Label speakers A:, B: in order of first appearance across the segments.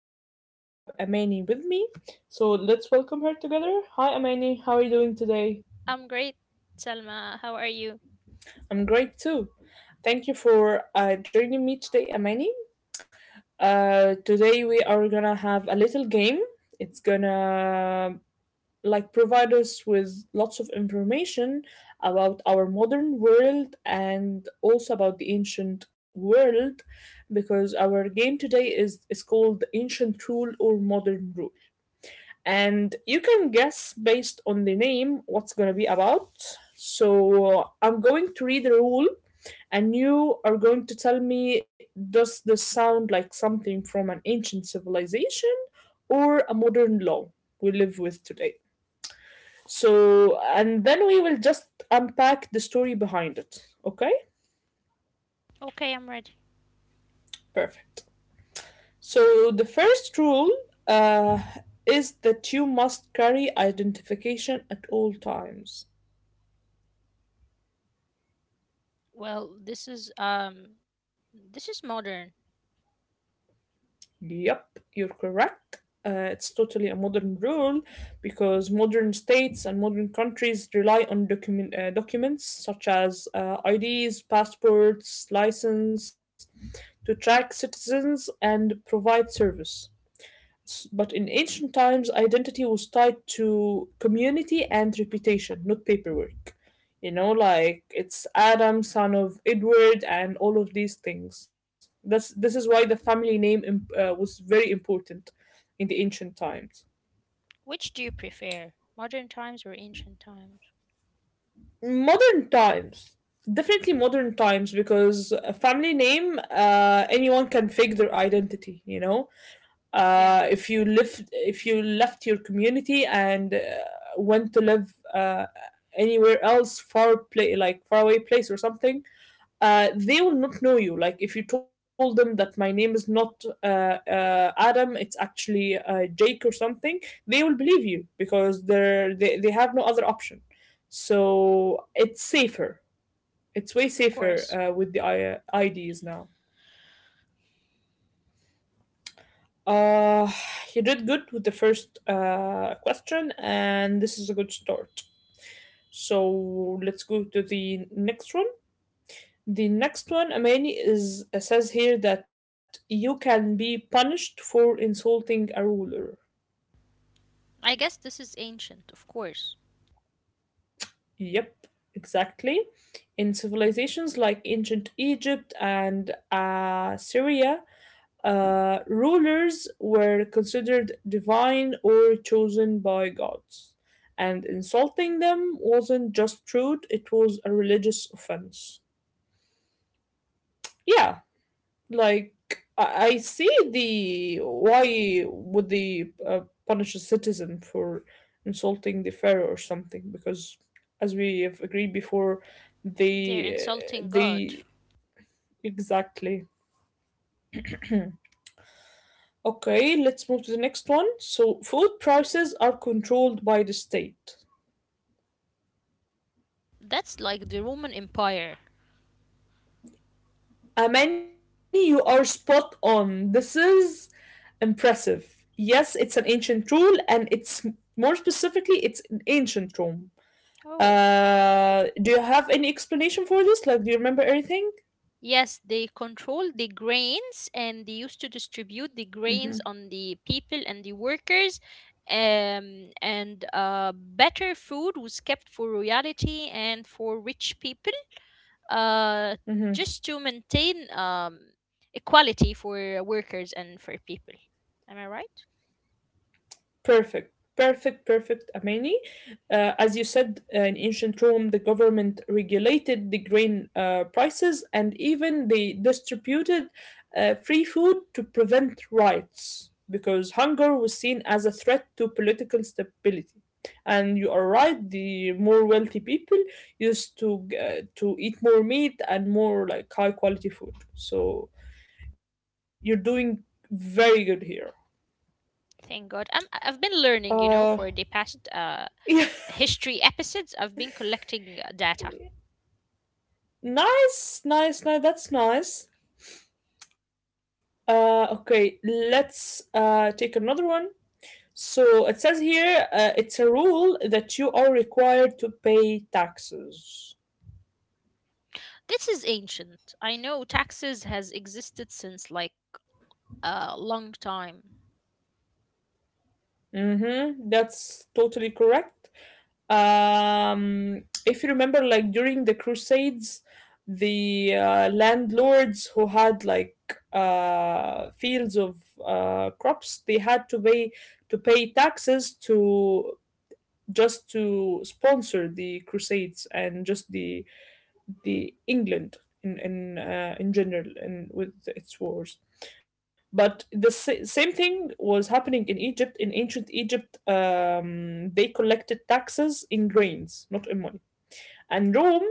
A: course, today I have Amani with me. So let's welcome her together. Hi, Amani. How are you doing today?
B: I'm great, Selma. How are you?
A: I'm great too. Thank you for joining me today, Amani. Today we are gonna have a little game. It's gonna like provide us with lots of information about our modern world, and also about the ancient world, because our game today is called ancient rule or modern rule, and you can guess based on the name what's going to be about. So I'm going to read the rule and you are going to tell me, does this sound like something from an ancient civilization or a modern law we live with today? So, and then we will just unpack the story behind it. Okay?
B: Okay, I'm ready.
A: Perfect. So, the first rule uh, is that you must carry identification at all times.
B: Well, this is modern.
A: Yep, you're correct. It's totally a modern rule because modern states and modern countries rely on documents such as IDs, passports, license to track citizens and provide service. But in ancient times, identity was tied to community and reputation, not paperwork. You know, like it's Adam, son of Edward, and all of these things. That's this is why the family name was very important in the ancient times.
B: Which do you prefer? Modern times or ancient times?
A: Modern times, definitely modern times, because a family name, anyone can fake their identity. You know,
B: Yeah,
A: if you left your community and went to live anywhere else, far play like faraway place or something. They will not know you. Like, if you told them that my name is not adam, it's actually jake or something, they will believe you because they have no other option. So it's safer, it's way
B: of
A: safer
B: course.
A: with the ID's now. Uh, you did good with the first question, and this is a good start. So let's go to the next one. The next one, Amani, is says here that you can be punished for insulting a ruler.
B: I guess this is ancient, of course.
A: Yep, exactly. In civilizations like ancient Egypt and Syria, rulers were considered divine or chosen by gods, and insulting them wasn't just rude, it was a religious offense. Yeah, like I, I see the, why would they punish a citizen for insulting the pharaoh or something, because as we have agreed before,
B: They're
A: they
B: insulting God.
A: they exactly. Okay, let's move to the next one. So, food prices are controlled by the state.
B: That's like the Roman Empire.
A: Amani, you are spot on. This is impressive. Yes, it's an ancient rule, and it's more specifically, it's in ancient Rome.
B: Oh,
A: Do you have any explanation for this? Like, do you remember anything?
B: yes, they control the grains and they used to distribute the
A: Mm-hmm.
B: grains on the people and the workers. And better food was kept for royalty and for rich people, uh,
A: Mm-hmm.
B: just to maintain equality for workers and for people. Am I right?
A: Perfect, perfect, perfect, Amani. As you said, in ancient Rome, the government regulated the grain prices, and even they distributed free food to prevent riots because hunger was seen as a threat to political stability. And you are right, the more wealthy people used to eat more meat and more like high quality food. So you're doing very good here.
B: Thank God. I've been learning, you know, for the
A: Uh,
B: past history episodes. I've been collecting data.
A: Nice, nice, nice. That's nice. Okay, let's take another one. So it says here, it's a rule that you are required to pay taxes.
B: This is ancient. I know taxes has existed since like a long time.
A: Mm-hmm. That's totally correct. If you remember, like during the Crusades, the landlords who had like fields of crops, they had to pay taxes to just to sponsor the crusades and just the England in general and with its wars. But the same thing was happening in Egypt. In ancient Egypt, they collected taxes in grains, not in money. And Rome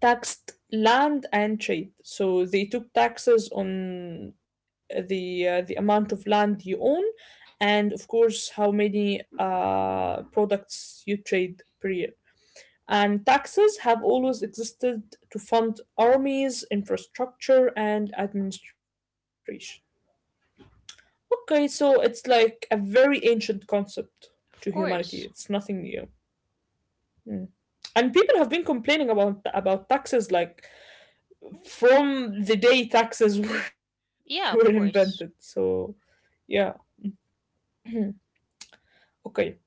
A: taxed land and trade. So they took taxes on the amount of land you own, and of course how many products you trade per year. And taxes have always existed to fund armies, infrastructure, and administration. Okay, so it's like a very ancient concept to
B: Of
A: humanity. It's
B: course.
A: nothing new. Mm. And people have been complaining about taxes, like, from the day taxes were
B: Yeah,
A: invented.
B: of
A: So
B: course.
A: yeah. Okay.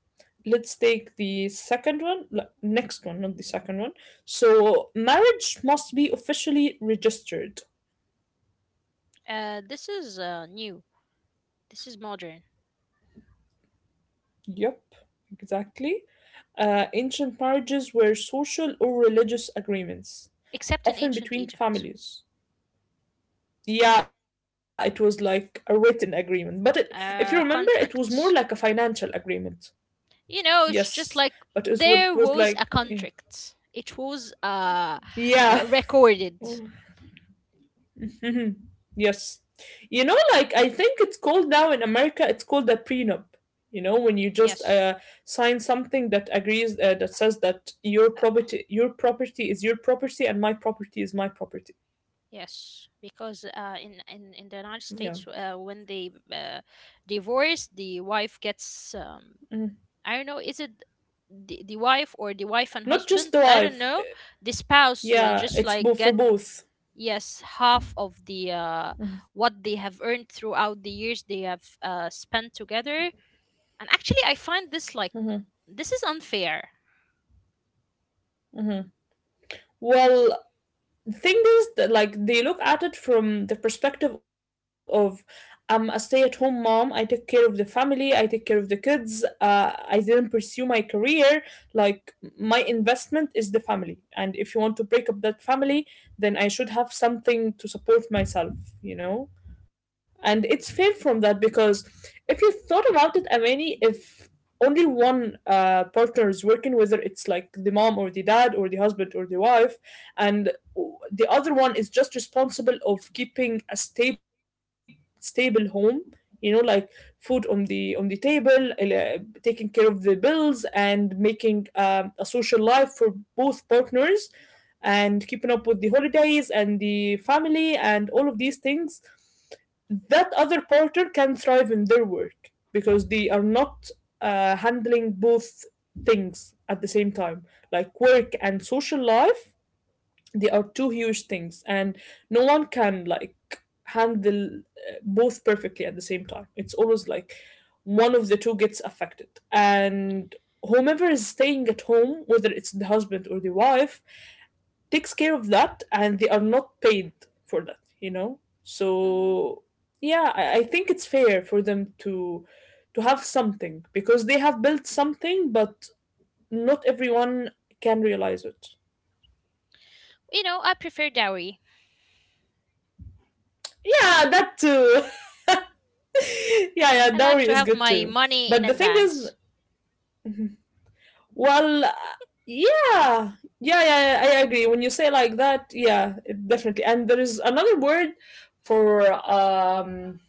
A: Let's take the second one, next one, not the second one. So marriage must be officially registered.
B: This is new. This is modern.
A: Yep, exactly. Ancient marriages were social or religious agreements,
B: Except in
A: often
B: ancient
A: between
B: Egypt.
A: families. Yeah, it was like a written agreement, but if you remember, it was more like a
B: Contracts.
A: financial agreement.
B: You know,
A: Yes,
B: it's just
A: but it
B: like
A: was, it was
B: there
A: like,
B: was a
A: yeah.
B: contract. It was
A: Yeah.
B: recorded.
A: Hmm. Yes. You know, like, I think it's called now in America, it's called a prenup. You know, when you just
B: Yes.
A: sign something that agrees, that says that
B: Uh,
A: your property is your property, and my property is my property.
B: Yes, because in the
A: Yeah.
B: United States, when they divorce, the wife gets
A: Mhm.
B: I don't know, is it the wife or the wife and
A: Not just
B: husband?
A: the
B: I don't
A: wife.
B: know. The spouse will
A: Yeah,
B: just
A: it's
B: like
A: both for
B: get,
A: both.
B: yes, half of the, what they have earned throughout the years they have spent together. And actually, I find this, like, this is unfair.
A: Well, thing is that, like, they look at it from the perspective of, I'm a stay-at-home mom. I take care of the family. I take care of the kids. I didn't pursue my career. Like, my investment is the family, and if you want to break up that family, then I should have something to support myself. You know, and
B: Hmm.
A: it's fair from that because, if you thought about it, Amani, if only one partner is working, whether it's like the mom or the dad or the husband or the wife, and the other one is just responsible of keeping a stable home, you know, like food on the table, taking care of the bills, and making a social life for both partners, and keeping up with the holidays and the family and all of these things, that other partner can thrive in their work because they are not handling both things at the same time, like work and social life. They are two huge things, and no one can, like, handle both perfectly at the same time. It's always like one of the two gets affected, and whomever is staying at home, whether it's the husband or the wife, takes care of that, and they are not paid for that, you know.
B: Mm.
A: So yeah, I think it's fair for them to have something because they have built something, but not everyone can realize it.
B: You know, I prefer dowry.
A: Yeah, that too. Yeah, yeah,
B: I like
A: dowry
B: to
A: is
B: have
A: good
B: my
A: too.
B: money in
A: But the thing is,
B: advance.
A: well, yeah, yeah, yeah, yeah, I agree. When you say like that, yeah, it definitely. And there is another word for,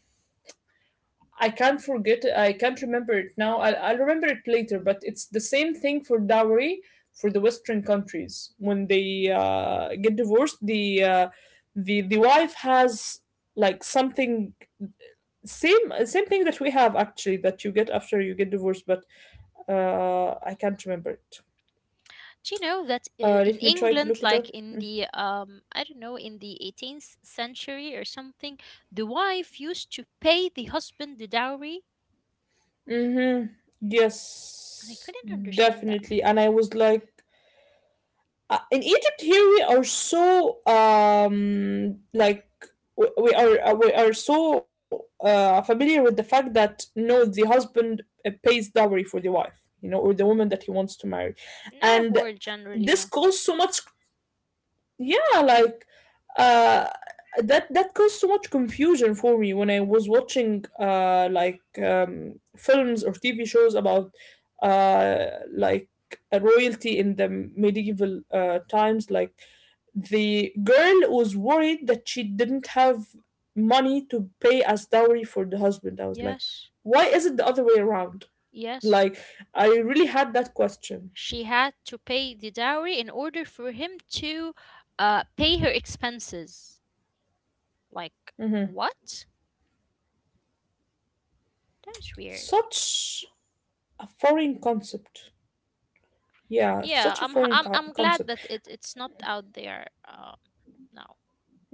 A: I can't forget. I can't remember it now. I'll remember it later. But it's the same thing for dowry for the Western countries when they get divorced. The wife has like something, same thing that we have actually, that you get after you get divorced, but I can't remember it.
B: Do you know that
A: Uh,
B: in
A: let me try to
B: England,
A: look it up.
B: like, in the I don't know, in the 18th century or something, the wife used to pay the husband the dowry,
A: Hmm.
B: and I
A: Yes,
B: couldn't understand that.
A: definitely. And I was like, in Egypt here we are so, like, we are, so familiar with the fact that, no, the husband pays dowry for the wife, you know, or the woman that he wants to marry,
B: In Arab
A: and
B: world generally,
A: this
B: yeah.
A: caused so much. Yeah, like uh that caused so much confusion for me when I was watching like films or TV shows about uh like a royalty in the medieval times, like, the girl was worried that she didn't have money to pay as dowry for the husband. I was like,
B: Yes,
A: why is it the other way around?
B: yes.
A: Like, I really had that question.
B: She had to pay the dowry in order for him to pay her expenses. Like,
A: Hmm.
B: what? That was weird.
A: Such a foreign concept. Yeah,
B: Yeah,
A: such a
B: I'm
A: foreign
B: I'm
A: co-
B: I'm glad
A: concept.
B: that it's not out there now.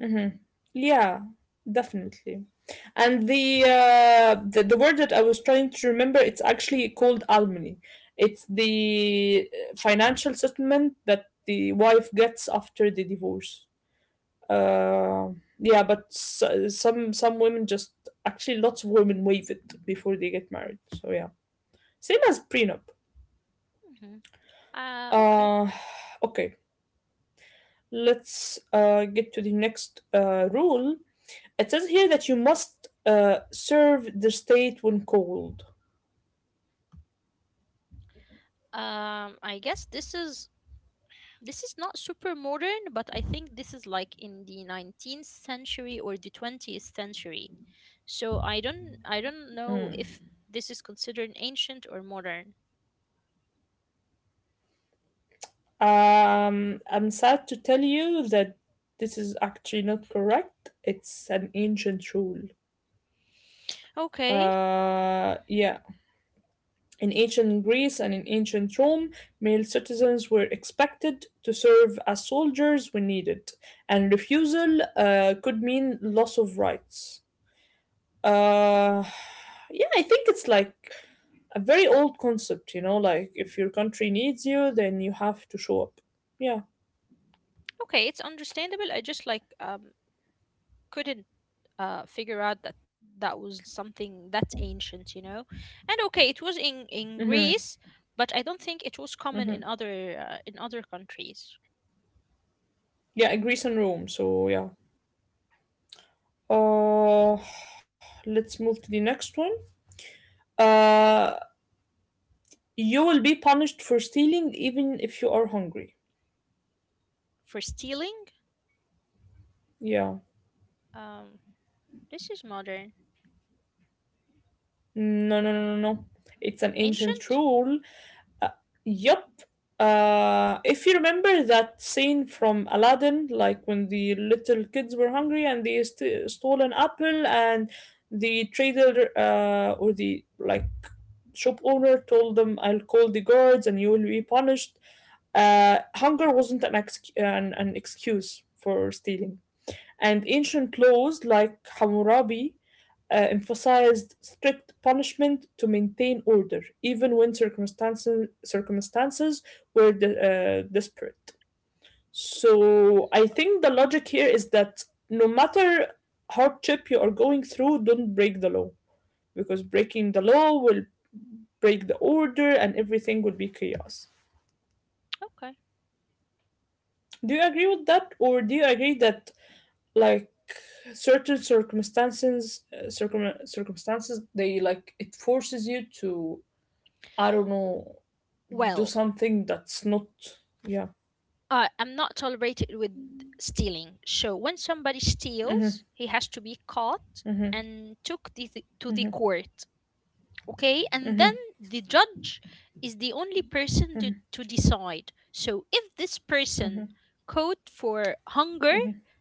A: Hmm. Yeah, definitely. And the word that I was trying to remember, it's actually called almini. It's the financial settlement that the wife gets after the divorce. Uh, yeah, but s some women just, actually lots of women waive it before they get married. So yeah, same as prenup.
B: Mhm. Okay.
A: Uh, okay, let's get to the next rule. It says here that you must serve the state when called.
B: I guess this is not super modern, but I think this is like in the 19th century or the 20th century. So I don't know if this is considered ancient or modern.
A: I'm sad to tell you that this is actually not correct. It's an ancient rule.
B: Okay.
A: Yeah. In ancient Greece and in ancient Rome, male citizens were expected to serve as soldiers when needed, and refusal could mean loss of rights. Uh, yeah, I think it's like a very old concept, you know, like if your country needs you, then you have to show up. Yeah.
B: Okay, it's understandable. I just like couldn't figure out that that was something that's ancient, And okay, it was in
A: Mm-hmm.
B: Greece, but I don't think it was common
A: Mm-hmm.
B: in other countries.
A: Yeah, Greece and Rome. So yeah. Uh, let's move to the next one. Uh, you will be punished for stealing even if you are hungry.
B: For stealing.
A: Yeah.
B: Um, this is modern.
A: No, no, no, no, no. It's an ancient
B: Ancient?
A: rule. Uh, yup. If you remember that scene from Aladdin, like when the little kids were hungry and they stole an apple, and the trader or the like shop owner told them, "I'll call the guards and you will be punished." Hunger wasn't an, ex- an excuse for stealing, and ancient laws like Hammurabi emphasized strict punishment to maintain order, even when circumstances were desperate. So I think the logic here is that no matter hardship you are going through, don't break the law, because breaking the law will break the order and everything will be chaos.
B: Okay.
A: Do you agree with that, or do you agree that like certain circumstances, circumstances, they like it forces you to, I don't know, do
B: Well,
A: something that's not, yeah.
B: I'm not tolerated with stealing. So when somebody
A: Hmm.
B: steals, he has to be caught
A: Hmm.
B: and took to the
A: Hmm.
B: court. Okay, and then the judge is the only person to decide. So if this person
A: Hmm.
B: caught for hunger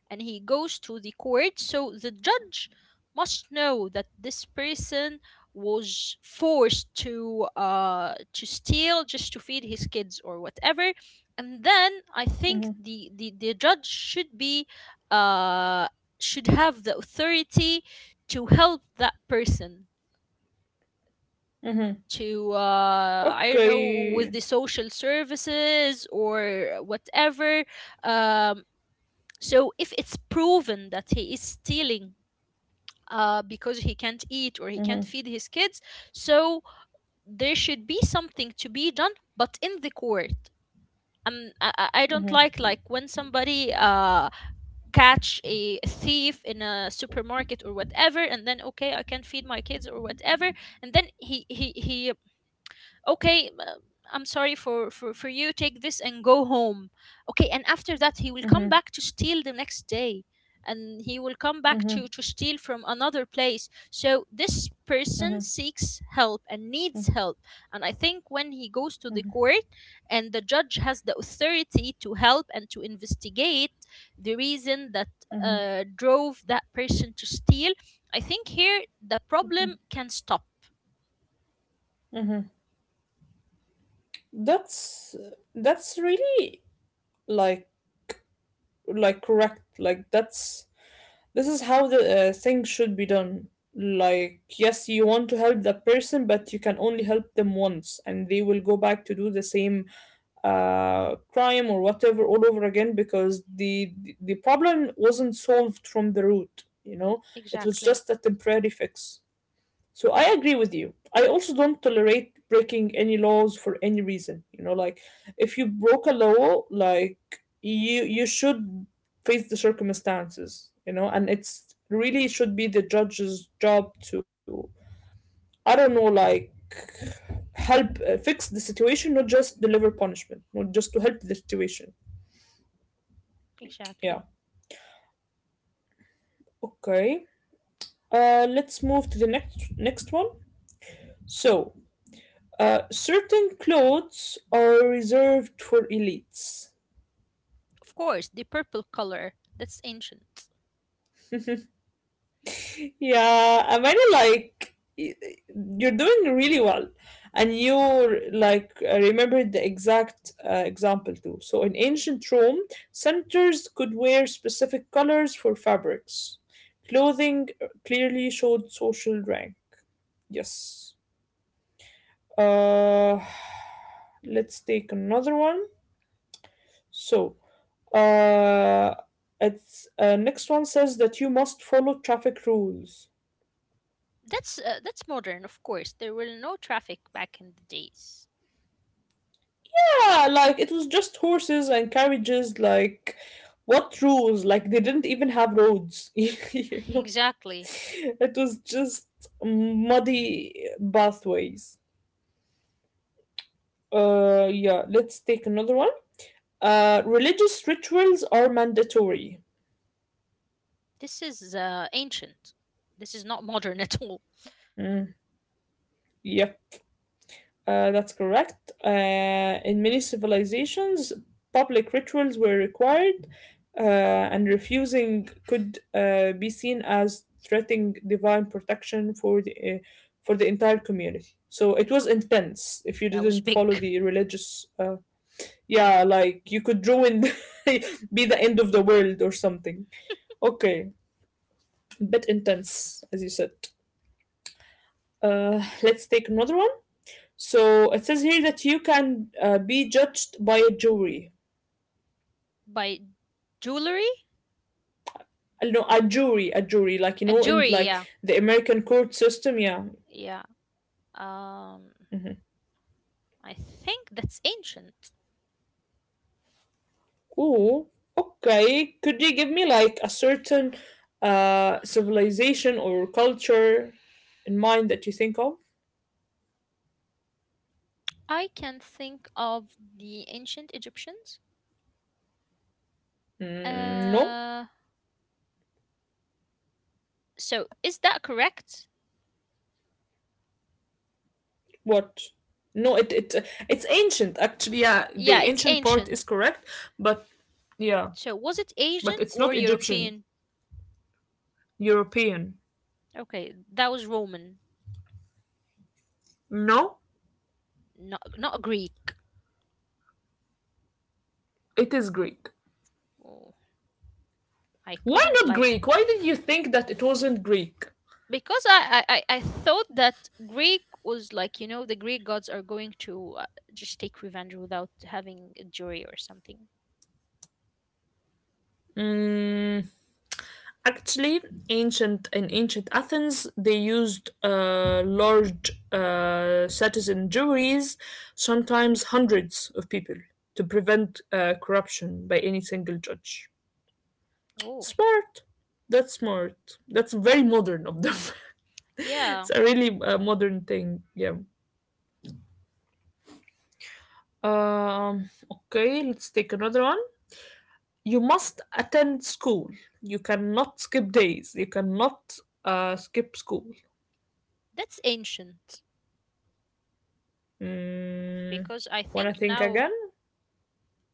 B: and he goes to the court, so the judge must know that this person was forced to steal just to feed his kids or whatever. And then I think the judge uh should have the authority to help that person,
A: Hmm.
B: to, I don't know, with
A: Okay.
B: the social services or whatever. Um, so if it's proven that he is stealing, because he can't
A: Hmm.
B: eat or he can't feed his kids, so there should be something to be done, but in the court. I don't like, when somebody catch a thief in a supermarket or whatever, and then, okay, I can feed my kids or whatever, and then he — okay, I'm sorry for you, take this and go home. Okay, and after that he will come
A: Hmm.
B: back to steal the next day, and he will come back to
A: Hmm.
B: to steal from another place. So this person
A: Hmm.
B: seeks help and needs help. And I think when he goes to the court and the judge has the authority to help and to investigate the reason that
A: Hmm.
B: drove that person to steal, I think here the problem can stop.
A: That's that's really, like like correct, like that's this is how the thing should be done. Like, yes, you want to help the person, but you can only help them once, and they will go back to do the same crime or whatever all over again, because the problem wasn't solved from the root. You know, it was
B: Exactly,
A: just a temporary fix. So I agree with you. I also don't tolerate breaking any laws for any reason. You know, like if you broke a law, like you should face the circumstances, you know, and it's really should be the judge's job to, I don't know, like help fix the situation, not just deliver punishment, not just to help the situation.
B: exactly.
A: Yeah. Okay. Let's move to the next one. So, certain clothes are reserved for elites.
B: Of course, the purple color, that's ancient.
A: Yeah, I mean, like you're doing really well, and you like remember the exact example too. So in ancient Rome, senators could wear specific colors for fabrics. Clothing clearly showed social rank. Yes. Uh, let's take another one. So, uh, it's next one says that you must follow traffic rules.
B: That's modern, of course. There were no traffic back in the days.
A: Yeah, like it was just horses and carriages. Like, what rules? Like, they didn't even have roads.
B: Exactly.
A: It was just muddy pathways. Yeah, let's take another one. Religious rituals are mandatory.
B: This is ancient. This is not modern at all.
A: Mm, yep. That's correct. In many civilizations, public rituals were required, uh, and refusing could be seen as threatening divine protection for the entire community. So it was
B: Wow,
A: intense if you
B: that was
A: didn't
B: big.
A: follow the religious. Yeah, like you could ruin, be the end of the world or something. Okay, bit intense as you said. Let's take another one. So it says here that you can be judged by a jury.
B: By jewelry?
A: No, a jury, like,
B: A
A: in
B: jewelry,
A: like
B: yeah.
A: the American court system. Yeah.
B: Yeah. Um I think that's ancient.
A: Ooh. Okay. Could you give me like a certain civilization or culture in mind that you think of?
B: I can think of the ancient Egyptians.
A: Mm, no.
B: Uh, so is that correct?
A: What? No. It's ancient actually. Yeah,
B: Yeah,
A: the
B: it's
A: ancient part
B: ancient.
A: is correct, but, yeah,
B: So was it
A: but
B: Asian
A: it's
B: or
A: not Egyptian.
B: European?
A: European.
B: Okay, that was Roman,
A: No,
B: not Greek.
A: it is Greek.
B: Oh, I
A: Why
B: couldn't,
A: not
B: like,
A: Greek? Why did you think that it wasn't Greek?
B: because I thought that Greek was like, the Greek gods are going to, just take revenge without having a jury or something.
A: Mm, actually, ancient in ancient Athens, they used large citizen juries, sometimes hundreds of people, to prevent corruption by any single judge.
B: Oh
A: Smart. That's smart. That's very modern of them.
B: yeah,
A: It's a really modern thing. Yeah. Okay. Let's take another one. You must attend school. You cannot skip days. You cannot skip school.
B: that's ancient,
A: Mm,
B: because I
A: Wanna
B: think
A: think
B: now,
A: again?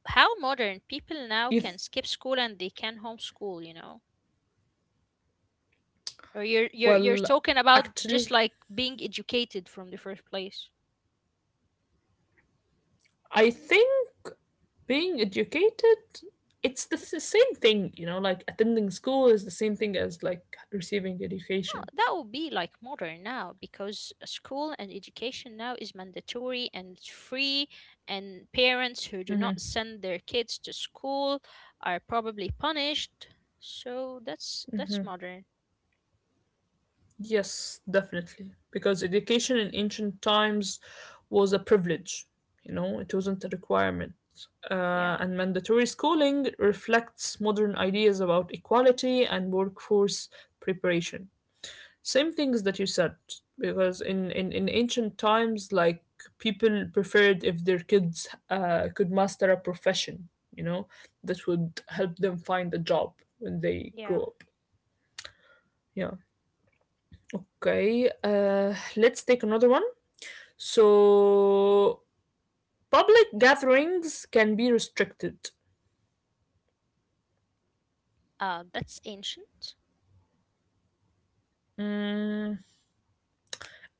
B: how modern people now
A: If
B: can skip school and they can homeschool. You know, or you're
A: Well,
B: talking about just
A: actually,
B: like being educated from the first place.
A: I think being educated, it's the same thing. You know, like attending school is the same thing as like receiving
B: Well,
A: education.
B: that would be like modern now, because school and education now is mandatory and it's free, and parents who do not send their kids to school are probably punished. So that's modern.
A: Yes, definitely. Because education in ancient times was a privilege, you know, it wasn't a requirement.
B: Yeah,
A: And mandatory schooling reflects modern ideas about equality and workforce preparation. Same things that you said, because in ancient times, like people preferred if their kids could master a profession, you know, that would help them find a job when they
B: yeah.
A: grow up. Yeah. Okay, let's take another one. So, public gatherings can be restricted.
B: That's ancient.
A: Mm,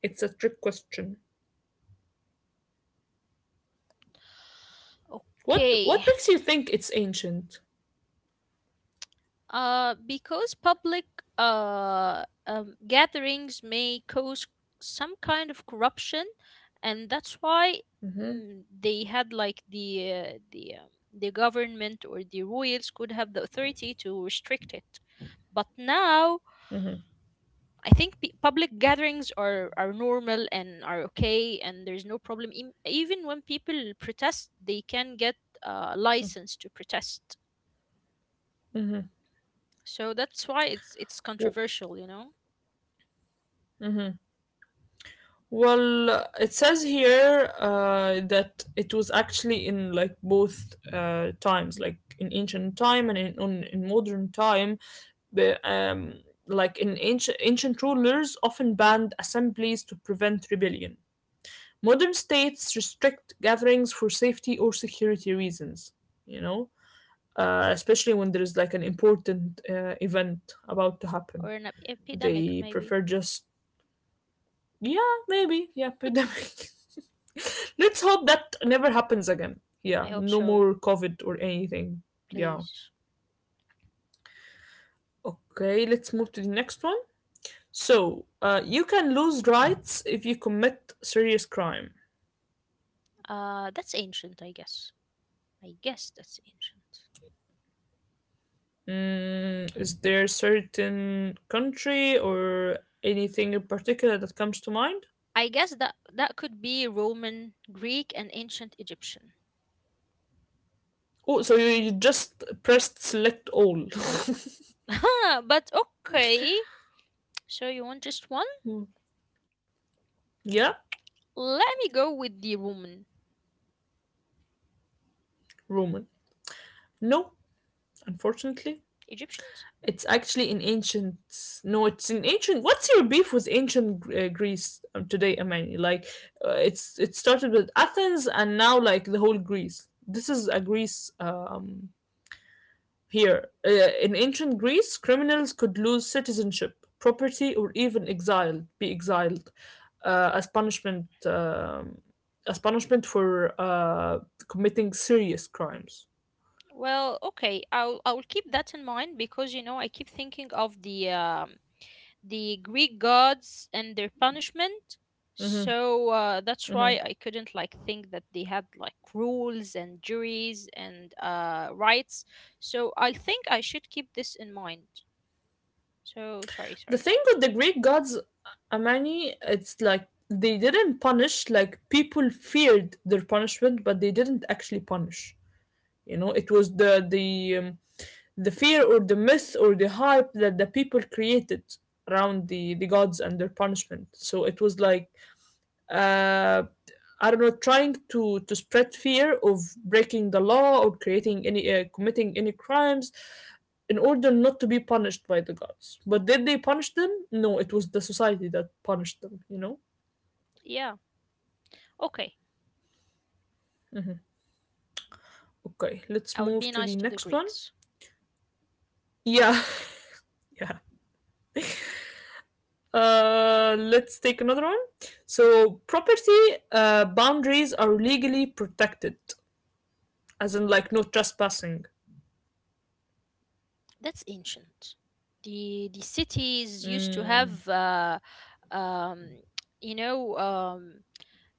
A: it's a trick question. What
B: Okay.
A: what makes you think it's ancient?
B: Because public, gatherings may cause some kind of corruption, and that's why, they had like the government or the royals could have the authority to restrict it. But now I think public gatherings are normal and are okay, and there's no problem. Even when people protest, they can get a license to protest.
A: W-
B: So that's why it's controversial,
A: mhm. Well, it says here that it was actually in like both times, like in ancient time and in modern time. But, like in ancient rulers often banned assemblies to prevent rebellion. Modern states restrict gatherings for safety or security reasons, you know, especially when there is like an important event about to happen.
B: Or an epidemic,
A: They
B: maybe.
A: prefer just, yeah, maybe, yeah, pandemic. Let's hope that never happens again.
B: I
A: Yeah,
B: hope
A: no
B: so.
A: more COVID or anything. Yeah.
B: Please.
A: Okay, let's move to the next one. So, you can lose rights if you commit serious crime.
B: That's ancient, I guess. I guess that's ancient.
A: Is there a certain country or anything in particular that comes to mind?
B: I guess that that could be Roman, Greek, and ancient Egyptian.
A: Oh, so you just pressed select all.
B: But okay, so you want just one.
A: Hmm. Yeah,
B: Let me go with the Roman.
A: Roman. No, unfortunately.
B: Egyptians.
A: It's actually in ancient. No, it's in ancient. What's your beef with ancient Greece today, Amani? Like, it started with Athens and now like the whole Greece. This is a Greece. Here, in ancient Greece, criminals could lose citizenship, property, or even be exiled as punishment, for committing serious crimes.
B: Well, okay, I'll keep that in mind, because, I keep thinking of the Greek gods and their punishment.
A: Mm-hmm,
B: So that's
A: mm-hmm.
B: why I couldn't, like, think that they had like rules and juries and, rights. So I think I should keep this in mind. So sorry,
A: The
B: sorry.
A: thing with the Greek gods, Amani, it's like they didn't punish. Like people feared their punishment, but they didn't actually punish. You know, it was the fear or the myth or the hype that the people created around the gods and their punishment. So it was like, uh I don't know, trying to spread fear of breaking the law or creating any committing any crimes, in order not to be punished by the gods. But did they punish them? No, it was the society that punished them, you know.
B: Yeah, okay.
A: Mhm. Okay,
B: I
A: let's
B: will be
A: move to
B: nice
A: the
B: to the
A: next one.
B: Greeks.
A: Yeah. Yeah. Let's take another one. So, property boundaries are legally protected, as in like no trespassing.
B: That's ancient. The cities used to
A: Mm,
B: have, um, you know um,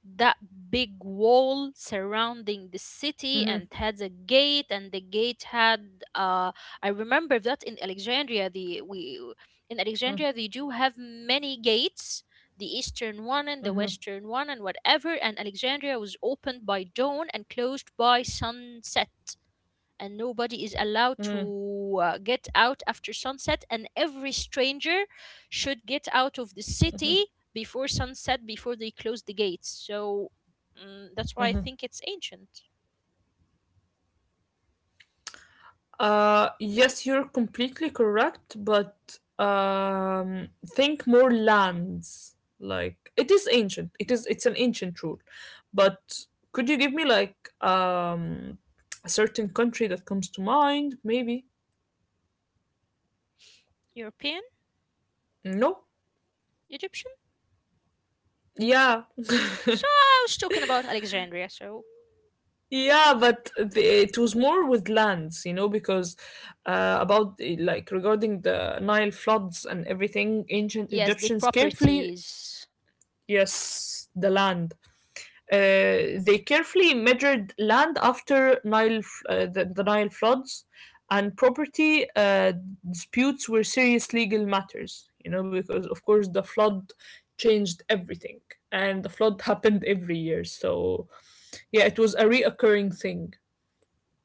B: that big wall surrounding the city, and had a gate, and the gate had, I remember that in alexandria the we in
A: mm,
B: alexandria they do have many gates, the eastern one and the
A: mhm,
B: western one and whatever. And Alexandria was opened by dawn and closed by sunset, and nobody is allowed
A: mhm,
B: to, get out after sunset, and every stranger should get out of the city before sunset before they close the gates. So, that's why I
A: mhm.
B: think it's ancient.
A: Yes, you're completely correct, but think more lands. Like it is ancient. It is. It's an ancient rule, but could you give me like a certain country that comes to mind? Maybe
B: European.
A: no.
B: Egyptian.
A: Yeah.
B: So I was talking about Alexandria. So
A: Yeah, but it was more with lands, you know, because like regarding the Nile floods and everything, ancient
B: yes, the
A: Egyptians carefully,
B: properties.
A: yes, the land. They carefully measured land after the Nile floods, and property disputes were serious legal matters, you know, because of course the flood changed everything, and the flood happened every year. So yeah, it was a reoccurring thing.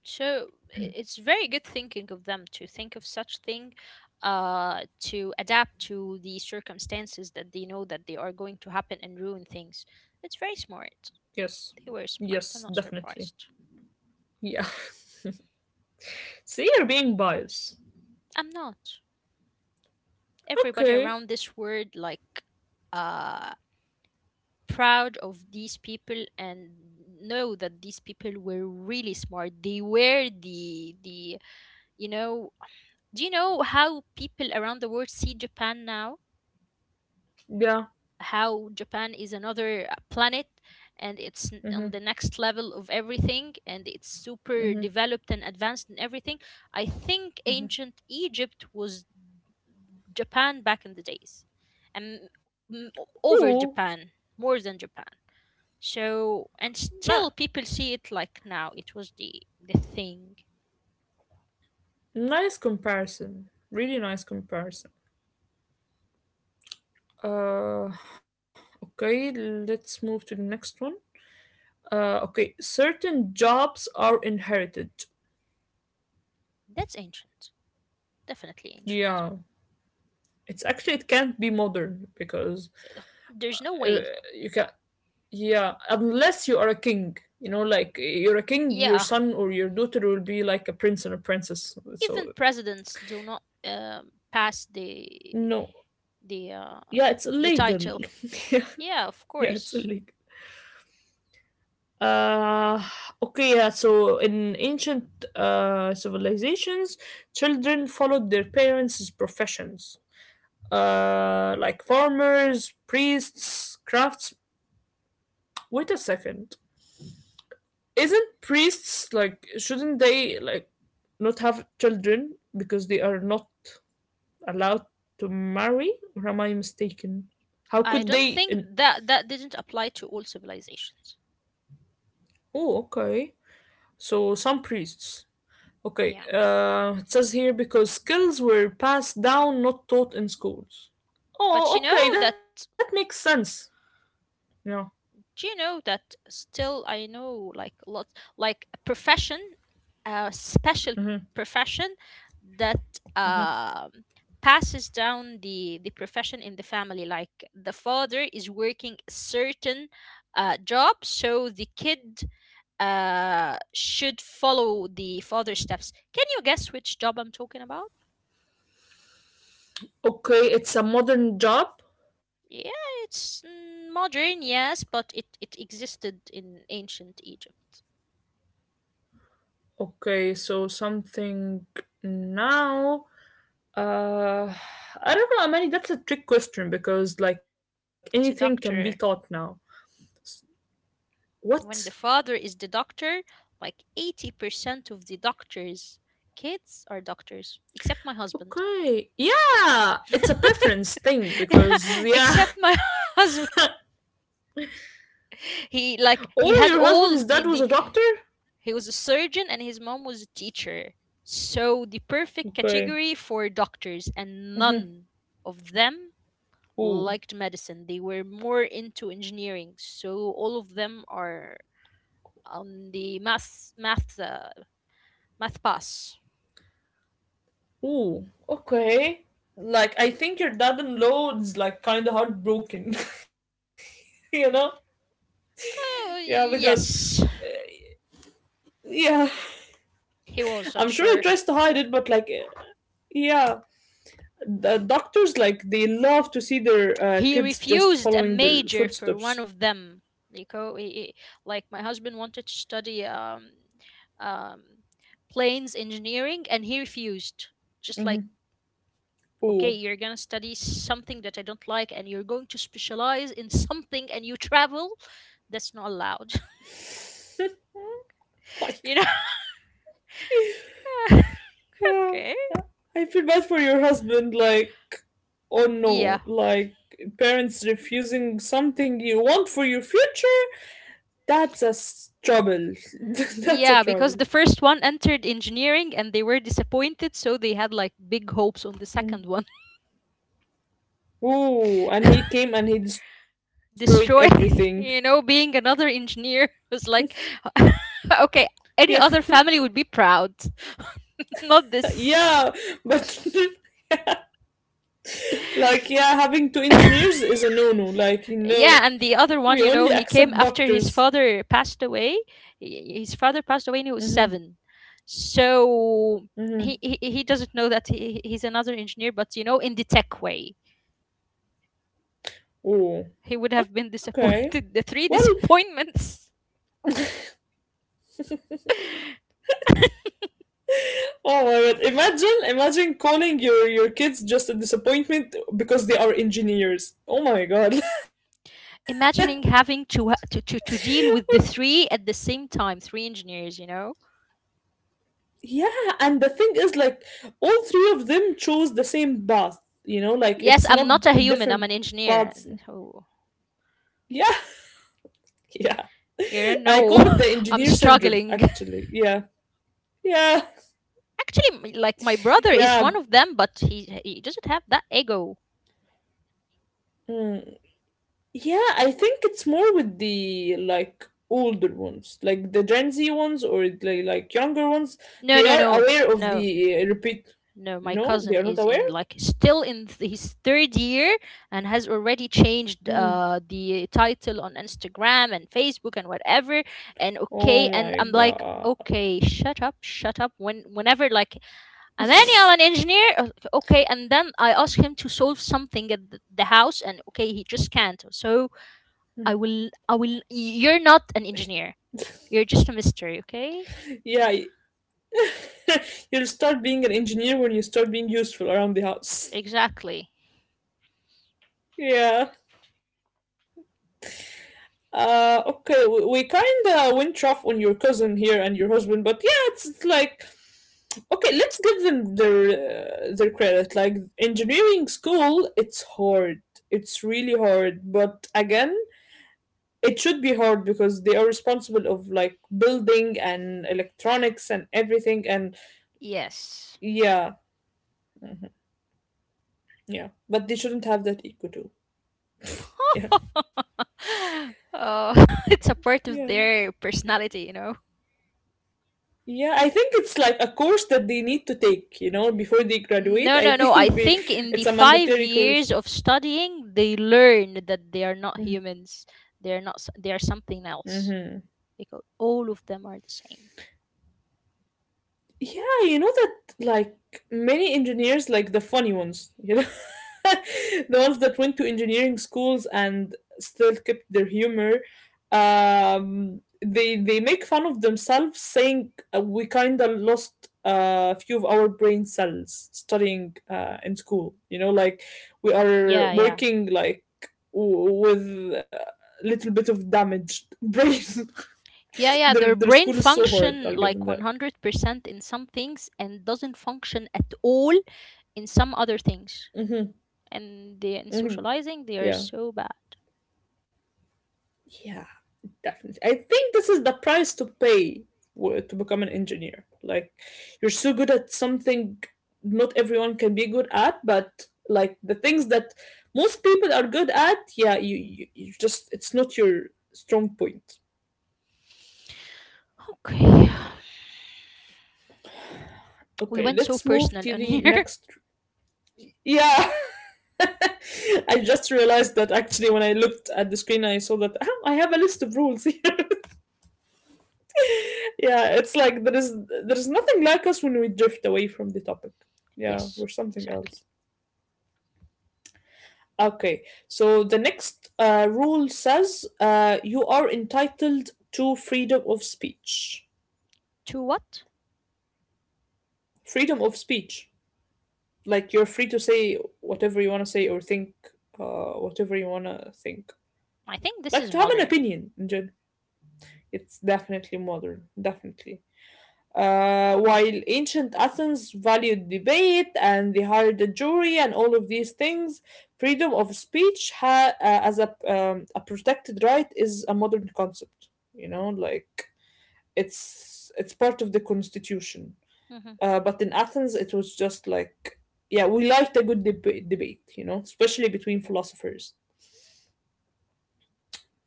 B: So it's very good thinking of them to think of such thing, to adapt to the circumstances that they know that they are going to happen and ruin things. It's very smart.
A: Yes.
B: They were
A: Yes,
B: smart. I'm not
A: definitely.
B: surprised.
A: Yeah. See, you're being biased.
B: I'm not. Everybody
A: Okay.
B: around this world, like, uh proud of these people, and know that these people were really smart. They were the, you know do you know how people around the world see Japan now?
A: Yeah.
B: How Japan is another planet, and it's on the next level of everything, and it's super developed and advanced in everything. I think ancient Egypt was Japan back in the days, and, m- over
A: Ooh.
B: Japan more than Japan. So, and still
A: Na-
B: people see it like, now it was the thing.
A: Nice comparison. Really nice comparison. Uh, okay, let's move to the next one. Okay, certain jobs are inherited.
B: That's ancient. Definitely ancient.
A: Yeah. It's actually, it can't be modern because
B: There's no
A: uh,
B: way.
A: you can, yeah, unless you are a king. You know, like you're a king, your
B: Yeah.
A: son or your daughter will be like a prince and a princess.
B: Even
A: So
B: presidents do not pass
A: no.
B: the uh,
A: Yeah, it's
B: the
A: illegal.
B: title.
A: Yeah,
B: Yeah, of
A: yeah, it's
B: course.
A: illegal. Uh, okay, yeah, so in ancient civilizations, children followed their parents' professions, like farmers, priests, crafts. Wait a second. Isn't priests like, shouldn't they like not have children because they are not allowed to marry? Or am I mistaken? How
B: I
A: could
B: don't
A: they?
B: think that that didn't apply to all civilizations.
A: Oh, okay. So some priests. Okay,
B: Yeah,
A: it says here because skills were passed down, not taught in schools.
B: but
A: Oh,
B: you know
A: okay, that
B: that
A: makes sense. Yeah.
B: do you know that, still, I know like a lot, like, a profession, a special profession that um passes down the profession in the family. Like, the father is working a certain, job, so the kid should follow the father's steps. Can you guess which job I'm talking about?
A: Okay, it's a modern job.
B: Yeah, it's, modern, yes, but it existed in ancient Egypt.
A: Okay, so something now. Uh, I don't know, Amani. That's a trick question because like anything can
B: It's
A: be
B: a
A: taught now.
B: doctor.
A: What?
B: When the father is the doctor, like, 80% of the doctors' kids are doctors, except my husband.
A: Okay. Yeah, it's a preference thing because yeah.
B: Except my husband. He,
A: Oh,
B: like,
A: your
B: he
A: husband,
B: had
A: his dad was
B: all
A: a
B: the,
A: doctor.
B: he was a surgeon and his mom was a teacher. So the perfect
A: Okay.
B: category for doctors, and none of them
A: Ooh.
B: liked medicine. They were more into engineering. So all of them are on the math pass.
A: Ooh, okay. Like I think your dad and law like kinda heartbroken, you know? Yeah, because
B: Yes,
A: yeah,
B: he
A: I'm
B: was,
A: sure
B: I'm
A: he tries
B: sure.
A: to hide it, but like yeah, the doctors like they love to see their
B: He
A: kids just
B: refused a
A: following their
B: major for one
A: footsteps.
B: of them. Nico, like, my husband wanted to study, um, planes engineering, and he refused. Just like, okay,
A: Ooh,
B: you're gonna study something that I don't like, and you're going to specialize in something, and you travel. That's not allowed, you
A: like
B: know.
A: yeah,
B: Okay.
A: I feel bad for your husband. Like oh
B: Yeah.
A: no, like parents refusing something you want for your future. That's a trouble. That's a
B: Yeah, because
A: trouble.
B: the first one entered engineering and they were disappointed, so they had like big hopes on the
A: Mm.
B: second one.
A: Ooh, and he came and he destroyed everything.
B: destroy being another engineer was like okay,
A: Yeah,
B: any other family would be proud, not this.
A: yeah, but like, yeah, having two engineers is a no-no. Like, you
B: Yeah,
A: know,
B: and the other
A: we
B: one,
A: only
B: he came
A: accept
B: after his
A: doctors.
B: father passed away. His father passed away when he was
A: Mm-hmm.
B: seven, so
A: Mm-hmm.
B: he doesn't know that he's another engineer, but in the tech way
A: Ooh,
B: he would have been
A: okay.
B: disappointed. The
A: Well,
B: three disappointments.
A: oh my god! Imagine, imagine calling your kids just a disappointment because they are engineers. Oh my god!
B: Imagining having to, ha- to deal with the three at the same time, three engineers,
A: Yeah, and the thing is, like, all three of them chose the same path, you know, like,
B: yes,
A: it's
B: I'm
A: not
B: not a human, I'm
A: different
B: an engineer.
A: paths.
B: So
A: Yeah, yeah.
B: you
A: I
B: know
A: call it the
B: I'm
A: engineer syndrome,
B: struggling.
A: actually. Yeah, yeah,
B: Actually, like my brother is one
A: yeah.
B: of them, but he doesn't have that ego.
A: Mm. Yeah, I think it's more with the, like, older ones, like the Gen Z ones or the, like, younger ones.
B: no
A: They
B: no
A: are
B: no
A: aware of
B: no
A: the repeat.
B: No, my
A: No, they
B: cousin
A: are not
B: is in,
A: aware?
B: like, still in his third year, and has already changed
A: Mm.
B: the title on Instagram and Facebook and whatever. And
A: Oh
B: okay, and
A: my
B: I'm like,
A: god.
B: okay, shut up, shut up. Whenever like Amani, I'm an engineer. Okay, and then I ask him to solve something at the house, and okay, he just can't. So I will. You're not an engineer. You're just a mystery. Okay.
A: Yeah, you'll start being an engineer when you start being useful around the house.
B: Exactly.
A: Yeah. Okay, we kind of went off on your cousin here and your husband, but yeah, it's like okay, let's give them their credit. Like engineering school, it's hard. It's really hard, but again, it should be hard because they are responsible of like building and electronics and everything, and
B: Yes.
A: yeah, yeah, but they shouldn't have that ego too. Yeah,
B: It's a part
A: yeah.
B: of their personality, you know.
A: Yeah, I think it's like a course that they need to take, you know, before they graduate.
B: No,
A: I
B: no, no. I
A: think they
B: think in the
A: it's a
B: five
A: mandatory course.
B: years of studying, they learn that they are not
A: Mm-hmm.
B: humans. They are not. They are something else.
A: Mm-hmm.
B: Because all of them are the same.
A: Yeah, you know that like many engineers, like the funny ones, you know, the ones that went to engineering schools and still kept their humor, they make fun of themselves, saying we kind of lost a few of our brain cells studying in school. You know, like we are
B: Yeah, yeah,
A: working like with a little bit of damaged brain.
B: yeah, yeah.
A: their
B: Their
A: their
B: brain
A: school is so hard.
B: function
A: I'll give them
B: like one
A: that.
B: hundred percent in some things and doesn't function at all in some other things. And they, in
A: Mhm.
B: socializing, they are
A: Yeah.
B: so bad.
A: Yeah, definitely. I think this is the price to pay to become an engineer. Like, you're so good at something not everyone can be good at, but like the things that most people are good at, yeah, you just, it's not your strong point.
B: Okay, we
A: Okay,
B: went so
A: let's move
B: personal
A: to
B: on
A: the
B: here.
A: next. Yeah, I just realized that actually when I looked at the screen, I saw that "Ah, I have a list of rules here." Yeah, it's like there is nothing like us when we drift away from the topic. Yeah,
B: Yes,
A: we're something
B: exactly.
A: else. Okay, so the next rule says you are entitled to freedom of speech.
B: To what?
A: Freedom of speech. Like you're free to say whatever you want to say or think whatever you want to think.
B: I think this
A: Like
B: is
A: to have an
B: modern.
A: opinion in general. It's definitely modern, definitely. While ancient Athens valued debate and they hired a jury and all of these things, freedom of speech as a protected right is a modern concept. You know, like it's part of the constitution.
B: Hmm.
A: But in Athens, it was just like, yeah, we liked a good debate. You know, especially between philosophers.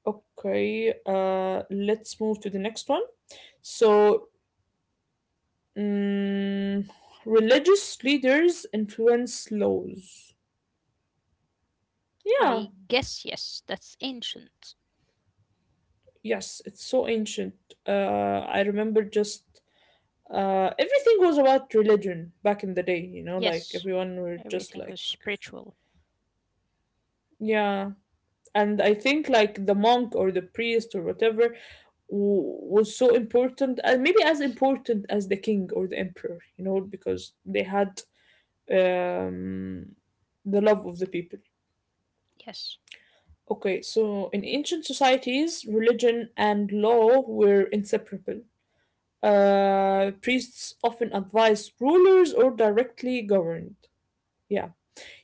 A: Okay, let's move to the next one. So Mm, religious leaders influence laws. Yeah,
B: I guess yes, that's ancient.
A: yes, it's so ancient. I remember just everything was about religion back in the day, you know, like
B: Yes,
A: everyone were just
B: everything
A: like,
B: is spiritual.
A: yeah. And I think like the monk or the priest or whatever was so important, and maybe as important as the king or the emperor, you know, because they had um, the love of the people.
B: Yes.
A: Okay, so in ancient societies, religion and law were inseparable. Priests often advised rulers or directly governed. Yeah.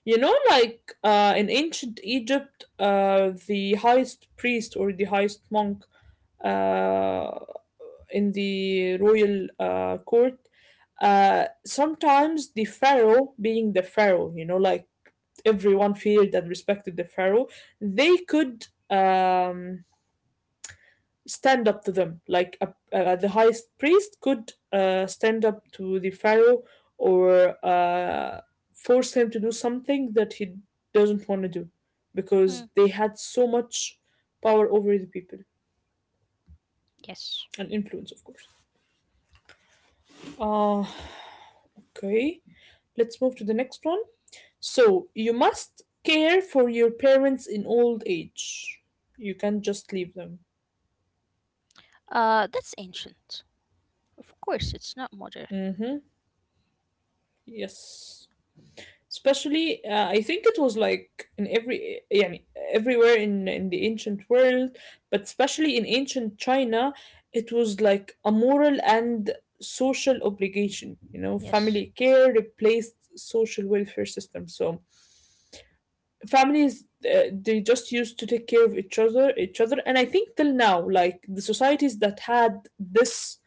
A: You know, like in ancient Egypt, the highest priest or the highest monk uh, in the royal court, sometimes the pharaoh, being the pharaoh, you know, like everyone feared and respected the pharaoh, they could. Stand up to them. The highest priest could stand up to the pharaoh or force him to do something that he doesn't want to do
B: Hmm.
A: because they had so much power over the people
B: Yes.
A: and influence, of course. Uh, okay, let's move to the next one. So, you must care for your parents in old age. You can't just leave them.
B: That's ancient. Of course, it's not modern.
A: Mm-hmm. Yes. Especially I think it was like in every yeah, everywhere in the ancient world, but especially in ancient China, it was like a moral and social obligation, you know,
B: Yes.
A: family care replaced social welfare system. So families they just used to take care of each other. And I think till now, like the societies that had this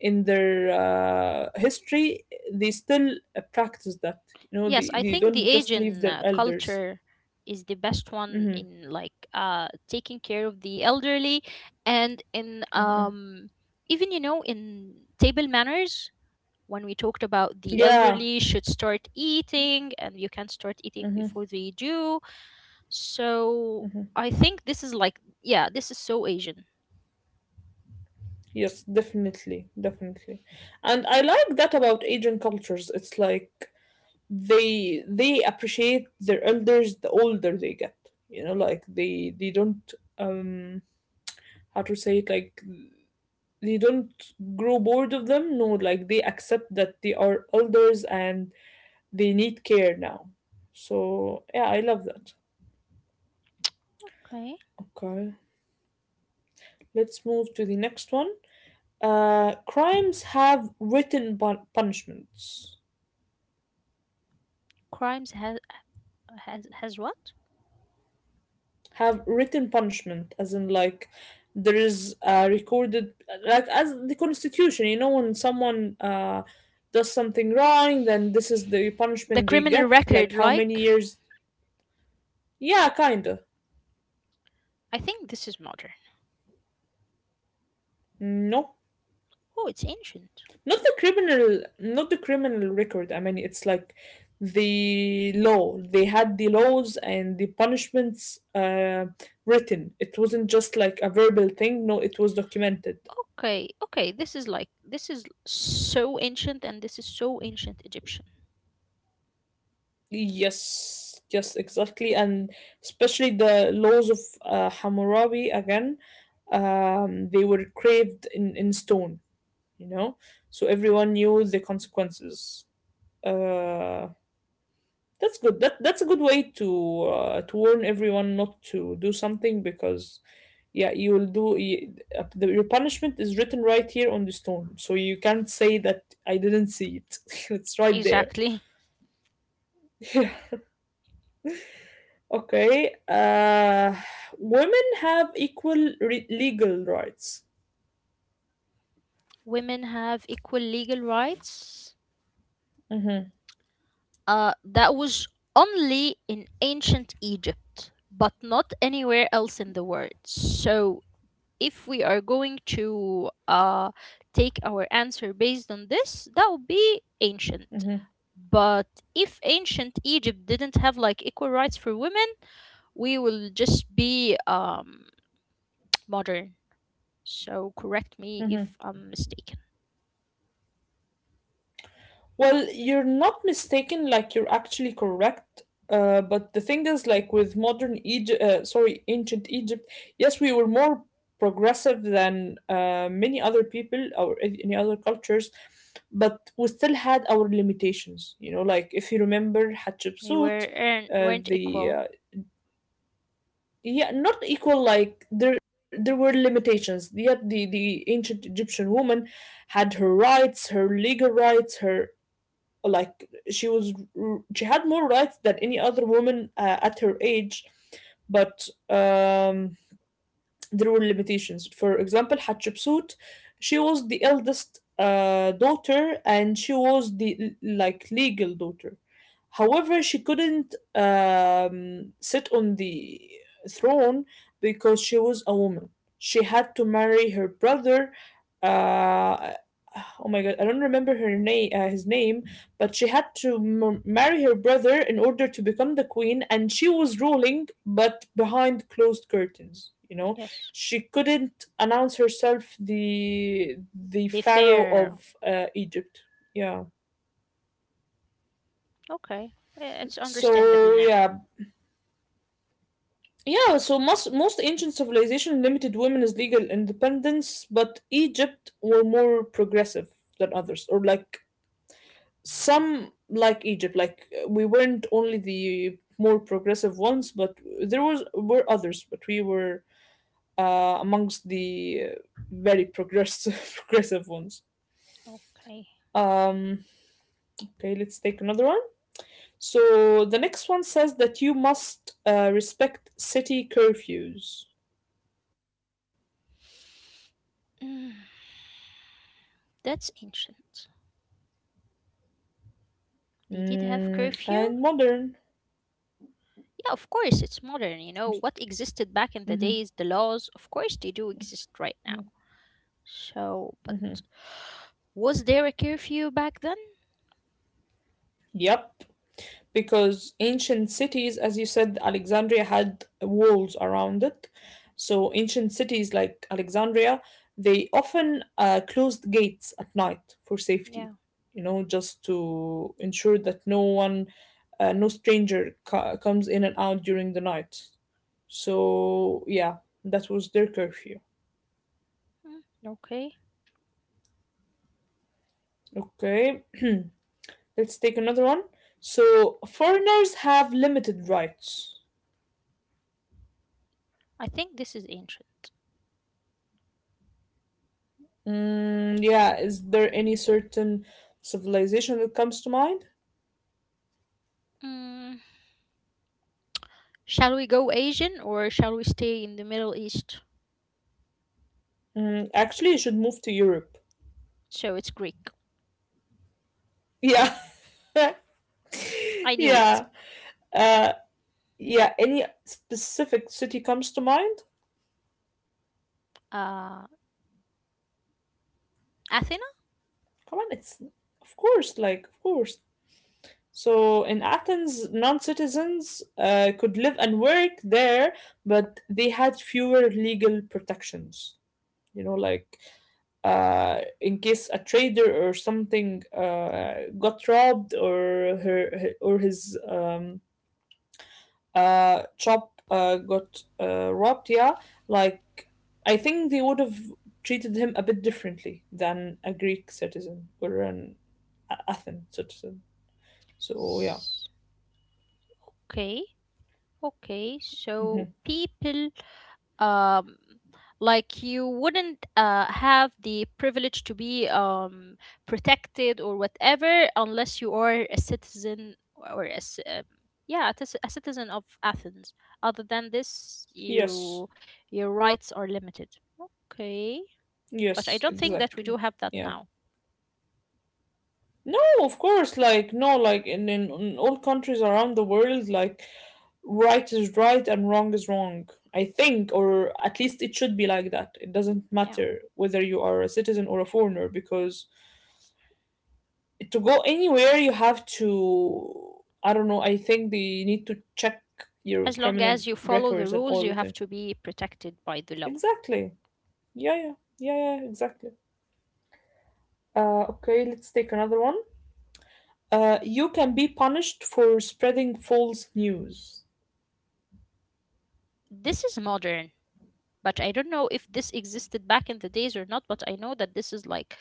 A: in their history, they still practice that. You know,
B: Yes, I
A: they
B: think
A: don't
B: the
A: just leave
B: Asian
A: their elders.
B: culture is the best one
A: Hmm.
B: in, like, taking care of the elderly, and in even, in table manners, when we talked about the
A: Yeah,
B: elderly should start eating and you can start eating before they do. So I think this is like, yeah, this is so Asian.
A: yes, definitely, definitely. And I like that about Asian cultures. It's like they appreciate their elders the older they get. You know, like they don't, how to say it, like they don't grow bored of them. No, like they accept that they are elders and they need care now. So yeah, I love that.
B: Okay.
A: Okay, let's move to the next one. Crimes have written punishments.
B: Crimes has has what?
A: Have written punishment as in like there is recorded, like as the constitution, you know, when someone does something wrong, then this is the
B: The
A: punishment they
B: criminal
A: get, like
B: record,
A: how many
B: like,
A: years. Yeah, kinda.
B: I think this is modern.
A: No,
B: Oh, it's ancient.
A: not the criminal, not the criminal record. I mean, it's like the law. They had the laws and the punishments written. It wasn't just like a verbal thing. No, it was documented.
B: Okay, okay, this is like, this is so ancient, and this is so ancient Egyptian.
A: Yes, yes, exactly. And especially the laws of Hammurabi again, they were craved in stone, you know? So everyone knew the consequences. Uh, That's good. That's a good way to warn everyone not to do something because, yeah, you will do. Your punishment is written right here on the stone, so you can't say that I didn't see it. It's right there.
B: Exactly.
A: Okay. Women have equal legal rights.
B: Women have equal legal rights. That was only in ancient Egypt, but not anywhere else in the world. So, if we are going to take our answer based on this, that would be ancient. But if ancient Egypt didn't have like equal rights for women, we will just be, modern. So correct me if I'm mistaken.
A: Well, you're not mistaken, like you're actually correct. But the thing is, like with modern Egypt, sorry, ancient Egypt, yes, we were more progressive than many other people or any other cultures, but we still had our limitations. You know, like if you remember Hatshepsut,
B: Weren't
A: the
B: equal.
A: yeah, not equal. Like there were limitations. Yet the ancient Egyptian woman had her rights, her legal rights, her like she was, she had more rights than any other woman at her age, but there were limitations. For example, Hatshepsut, she was the eldest daughter, and she was the like legal daughter. However, she couldn't sit on the throne because she was a woman. She had to marry her brother. Uh, oh my god, I don't remember her name, his name, but she had to marry her brother in order to become the queen, and she was ruling, but behind closed curtains. You know,
B: Yes,
A: she couldn't announce herself the
B: they
A: pharaoh
B: fair.
A: of Egypt. Yeah.
B: Okay, yeah, it's understandable
A: So
B: now.
A: yeah, yeah. So most ancient civilization limited women's legal independence, but Egypt were more progressive than others, or like some like Egypt. Like we weren't only the more progressive ones, but there was were others, but we were amongst the very progressive progressive ones.
B: Okay.
A: Um, Okay, let's take another one. So the next one says that you must respect city curfews.
B: Mm, that's ancient. They did have
A: Mm,
B: curfew?
A: and modern.
B: Yeah, of course, it's modern, you know. What existed back in the
A: Hmm.
B: days, the laws, of course they do exist right now. So,
A: Hmm.
B: but was there a curfew back then?
A: Yep, because ancient cities, as you said, Alexandria had walls around it. So ancient cities like Alexandria, they often closed gates at night for safety,
B: Yeah.
A: you know, just to ensure that no one, no stranger comes in and out during the night. So yeah, that was their curfew.
B: Mm, okay.
A: Okay, let's take another one. So foreigners have limited rights.
B: I think this is ancient.
A: Mm, yeah, is there any certain civilization that comes to mind?
B: Mm, shall we go Asian or shall we stay in the Middle East?
A: Mm, actually, you should move to Europe.
B: So it's Greek.
A: Yeah,
B: I knew it.
A: yeah, uh, yeah. Any specific city comes to mind?
B: Uh, Athena?
A: Come on, it's of course, like of course. So in Athens, non-citizens could live and work there, but they had fewer legal protections. You know, like in case a trader or something got robbed, or her or his shop got robbed. Yeah, like I think they would have treated him a bit differently than a Greek citizen or an Athen citizen. So yeah,
B: S- Okay. Okay, so
A: hmm,
B: people, um like you wouldn't have the privilege to be, protected or whatever, unless you are a citizen or a, yeah, a, a citizen of Athens. Other than this,
A: yes.
B: you your rights are limited. Okay, but I
A: Yes,
B: don't think that we
A: exactly.
B: do have that
A: Yeah.
B: now.
A: No, of course, like no, like in all countries around the world, like right is right and wrong is wrong. I think, or at least it should be like that. It doesn't
B: Yeah.
A: matter whether you are a citizen or a foreigner, because to go anywhere, you have to. I don't know. I think they need to check your
B: As long
A: criminal
B: as you follow the
A: records and
B: rules, you
A: all
B: have
A: the.
B: to be protected by the law.
A: Exactly. Yeah, yeah, yeah. Exactly. Okay, let's take another one. You can be punished for spreading false news.
B: This is modern, but I don't know if this existed back in the days or not, but I know that this is like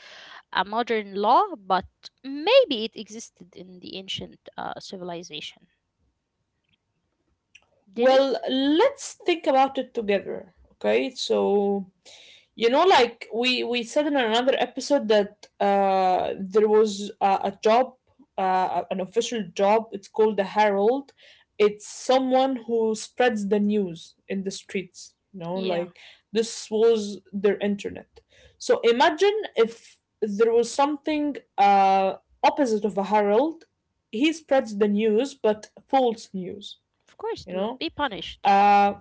B: a modern law, but maybe it existed in the ancient civilization. Did
A: Well,
B: it?
A: let's think about it together, okay? So, you know like we said in another episode that there was a job, an official job. It's called the herald. It's someone who spreads the news in the streets, you know,
B: Yeah,
A: like this was their internet. So imagine if there was something opposite of a herald. He spreads the news but false news,
B: of course,
A: you
B: to
A: know.
B: be punished.
A: uh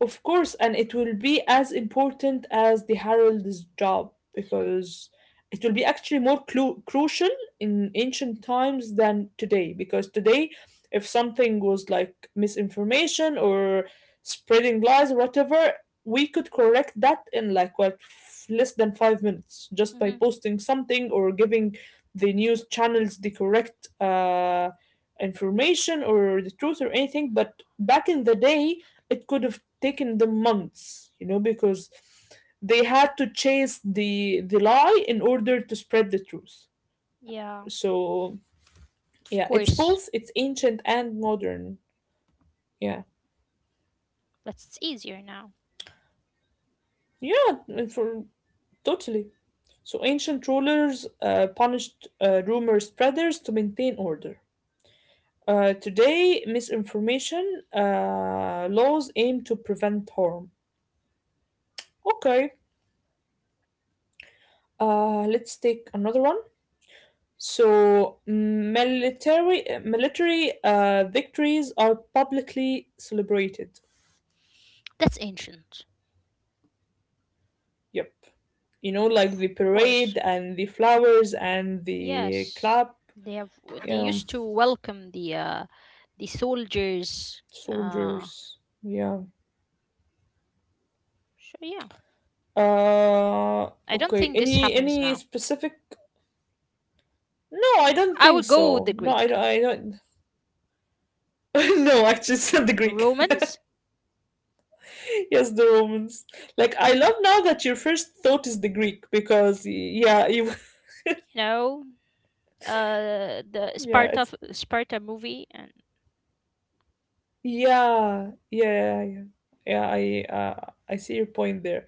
A: of course, and it will be as important as the herald's job because it will be actually crucial in ancient times than today. Because today, if something was like misinformation or spreading lies or whatever, we could correct that in like less than 5 minutes just by
B: Hmm.
A: posting something or giving the news channels the correct information or the truth or anything. But back in the day, it could have taken them months, you know, because they had to chase the lie in order to spread the truth.
B: Yeah,
A: So
B: of
A: yeah, it's
B: course,
A: both, it's ancient and modern. Yeah,
B: but it's easier now.
A: yeah, and for totally. So ancient rulers punished rumor spreaders to maintain order. Today, misinformation laws aim to prevent harm. Okay, let's take another one. So military victories are publicly celebrated.
B: That's ancient.
A: Yep. You know, like the
B: Of course,
A: parade and the flowers and the
B: yes.
A: clap.
B: They have. They
A: Yeah,
B: used to welcome the soldiers. Uh,
A: soldiers. Yeah.
B: so yeah, I don't
A: Okay.
B: think this
A: Any
B: happens
A: any
B: now.
A: specific? No, I don't
B: I
A: think
B: would go with
A: so.
B: the
A: No, I
B: Greek.
A: don't. I don't. No, actually, it's not the Greek.
B: Romans,
A: Yes, the Romans. Like, I love now that your first thought is the Greek because, yeah, you,
B: you know, the
A: yeah,
B: Sparta
A: it's.
B: Sparta movie, and
A: Yeah, yeah, yeah, yeah. Yeah, I see your point there.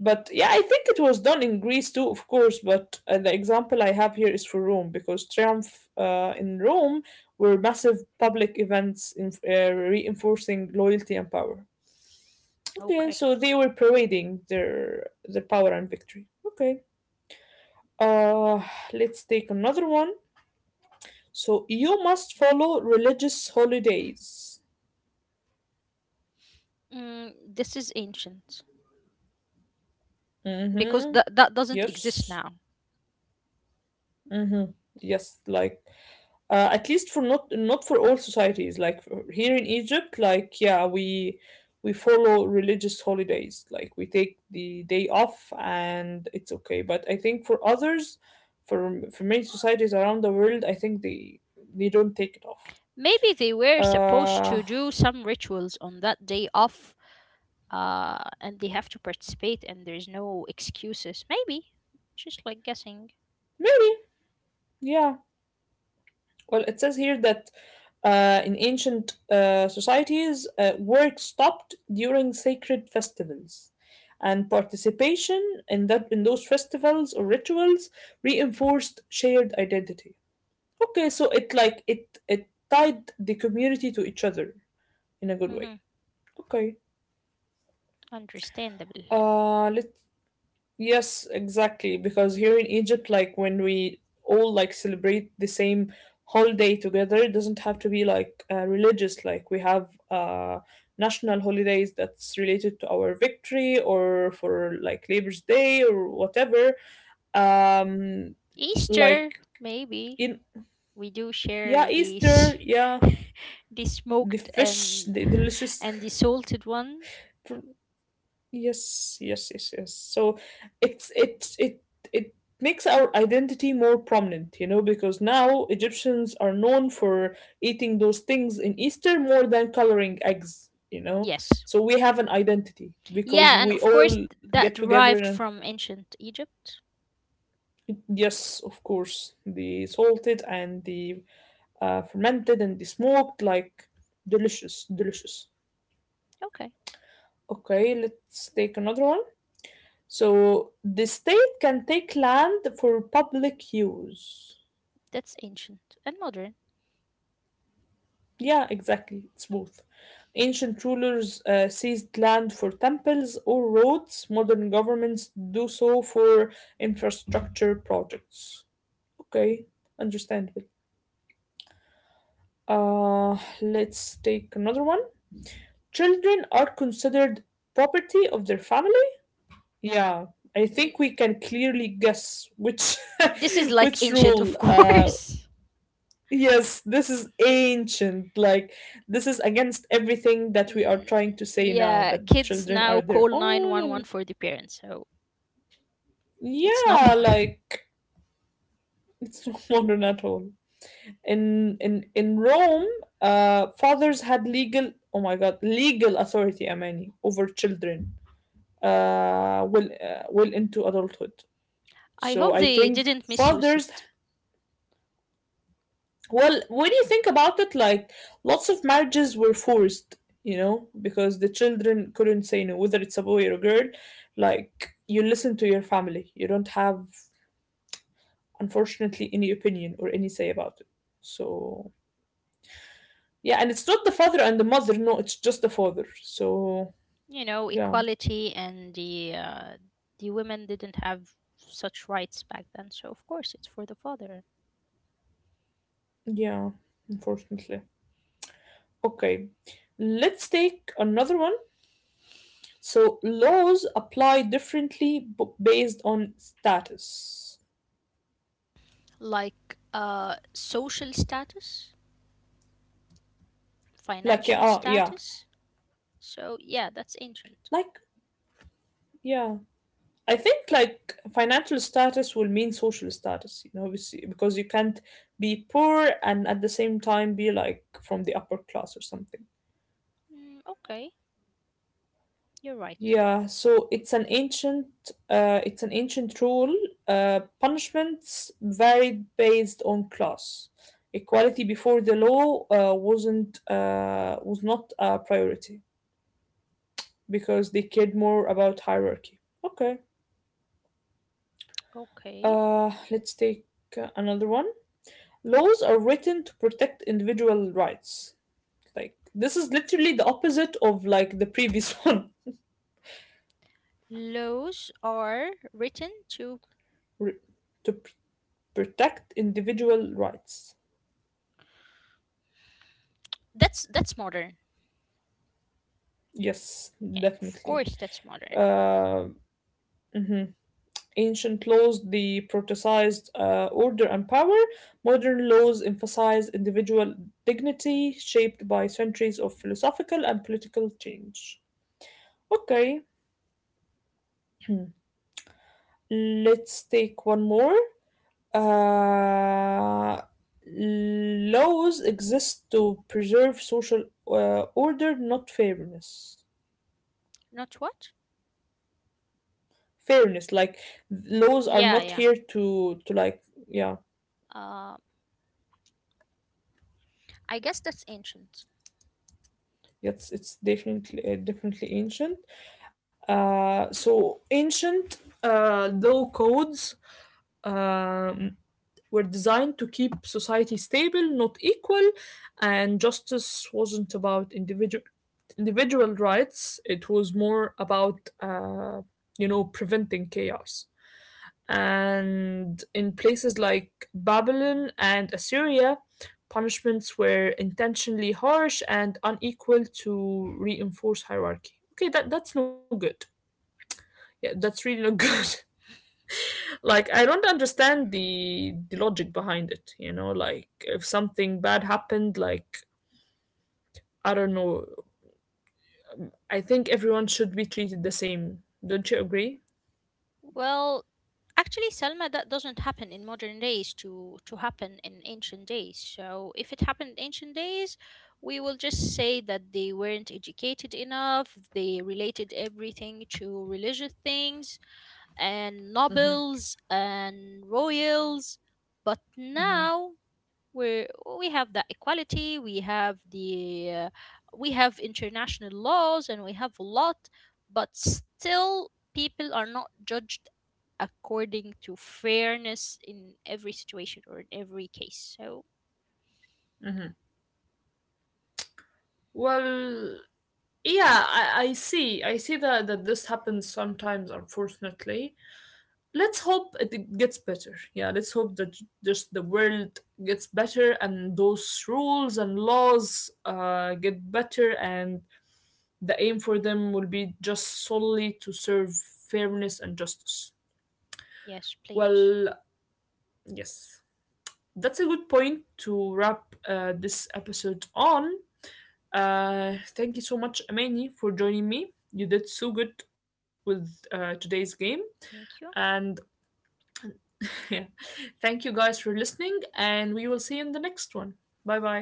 A: But yeah, I think it was done in Greece too, of course. But the example I have here is for Rome because triumph in Rome were massive public events in, reinforcing loyalty and power. Okay,
B: okay,
A: so they were parading their power and victory. Okay. Uh, let's take another one. So you must follow religious holidays.
B: mm, this is ancient because
A: Mm-hmm.
B: that that doesn't exist
A: Yes.
B: now.
A: Mhm. Yes, like at least for not for all societies. Like here in Egypt, like yeah, we follow religious holidays. Like we take the day off and it's okay. But I think for others, for many societies around the world, I think they don't take it off.
B: Maybe they were supposed
A: Uh,
B: to do some rituals on that day off, and they have to participate, and there's no excuses. Maybe just like guessing.
A: Maybe yeah. Well, it says here that in ancient societies, work stopped during sacred festivals, and participation in that in those festivals or rituals reinforced shared identity. Okay, so it like it tied the community to each other in a good way.
B: Mm-hmm.
A: Okay,
B: Understandable.
A: let's. Yes, exactly. Because here in Egypt, like when we all like celebrate the same holiday together, it doesn't have to be like religious. Like we have national holidays that's related to our victory or for like Labor's Day or whatever. Um, like
B: Easter, maybe.
A: in
B: We do share
A: yeah,
B: this.
A: Easter, yeah,
B: The
A: the
B: smoked
A: fish, the delicious.
B: and the salted one.
A: Yes, yes, yes, yes. So it it makes our identity more prominent, you know, because now Egyptians are known for eating those things in Easter more than coloring eggs, you know.
B: Yes,
A: So we have an identity because
B: yeah, and
A: we
B: of course,
A: all get
B: that
A: together and
B: derived from ancient Egypt.
A: yes, of course, the salted and the fermented and the smoked, like delicious, delicious.
B: Okay,
A: Okay, let's take another one. So the state can take land for public use.
B: that's ancient and modern.
A: Yeah, exactly. It's both. Ancient rulers seized land for temples or roads. Modern governments do so for infrastructure projects. Okay, understandable. Let's take another one. Children are considered property of their family. Yeah, I think
B: Mm,
A: we can clearly guess which
B: this is like
A: which
B: ancient, of
A: rule
B: course.
A: Yes, this is ancient. Like, this is against everything that we
B: Mm,
A: are trying to say now
B: yeah,
A: that
B: kids
A: children
B: now
A: are their
B: call
A: own and
B: 911 for the parents, so it's not
A: yeah,
B: modern.
A: like it's not modern at all. In Rome, fathers had legal, oh my god, legal authority, Amani, over children. Well into adulthood.
B: I
A: So
B: hope
A: I
B: they
A: think
B: didn't misuse
A: fathers.
B: it.
A: Well, when you think about it, like lots of marriages were forced, you know, because the children couldn't say no, whether it's a boy or a girl. Like, you listen to your family. You don't have, unfortunately, any opinion or any say about it. So, yeah, and it's not the father and the mother. No, it's just the father. So,
B: You know,
A: yeah,
B: equality and the, the women didn't have such rights back then, so of course it's for the father.
A: yeah, unfortunately. Okay, let's take another one. So, laws apply differently based on status.
B: Like, social status,
A: Like, yeah,
B: financial
A: yeah.
B: status, so yeah, that's ancient.
A: Like, yeah, I think like financial status will mean social status, you know, obviously, because you can't be poor and at the same time be like from the upper class or something.
B: Mm, okay, you're right.
A: Yeah, so it's an ancient rule. Punishments varied based on class. Equality before the law was not a priority because they cared more about hierarchy. Okay,
B: Okay,
A: let's take another one. Laws are written to protect individual rights. Like this is literally the opposite of like the previous one.
B: laws are written to,
A: re- to pr- Protect individual rights.
B: that's modern.
A: Yes,
B: Yeah, of
A: definitely.
B: course, that's modern.
A: Uh, mhm. Ancient laws deprototicized order and power. Modern laws emphasize individual dignity, shaped by centuries of philosophical and political change. Okay, let's take one more. Uh, laws exist to preserve social order, not fairness.
B: Not what?
A: Fairness, like laws are
B: Yeah,
A: not
B: yeah.
A: here to like yeah,
B: uh, I guess that's ancient.
A: it's definitely definitely ancient. So ancient law codes. Um, were designed to keep society stable, not equal, and justice wasn't about individual rights. It was more about you know preventing chaos. And in places like Babylon and Assyria, punishments were intentionally harsh and unequal to reinforce hierarchy. Okay, that that's no good. Yeah, that's really not good. Like I don't understand the logic behind it, you know, like if something bad happened, like I don't know, I think everyone should be treated the same. Don't you agree?
B: Well, actually, Selma, that doesn't happen in modern days to happen in ancient days. So if it happened in ancient days, we will just say that they weren't educated enough. They related everything to religious things and nobles and royals. But now we we have that equality. We have the, we have international laws, and we have a lot. But still, people are not judged according to fairness in every situation or in every case. So,
A: Hmm, well, yeah, I see, I see that, that this happens sometimes, unfortunately. Let's hope it gets better. Yeah, let's hope that just the world gets better and those rules and laws get better. And the aim for them will be just solely to serve fairness and justice.
B: yes, please.
A: Well, yes. That's a good point to wrap this episode on. Thank you so much, Amani, for joining me. You did so good with today's game.
B: Thank you.
A: And yeah, thank you guys for listening, and we will see you in the next one. Bye bye.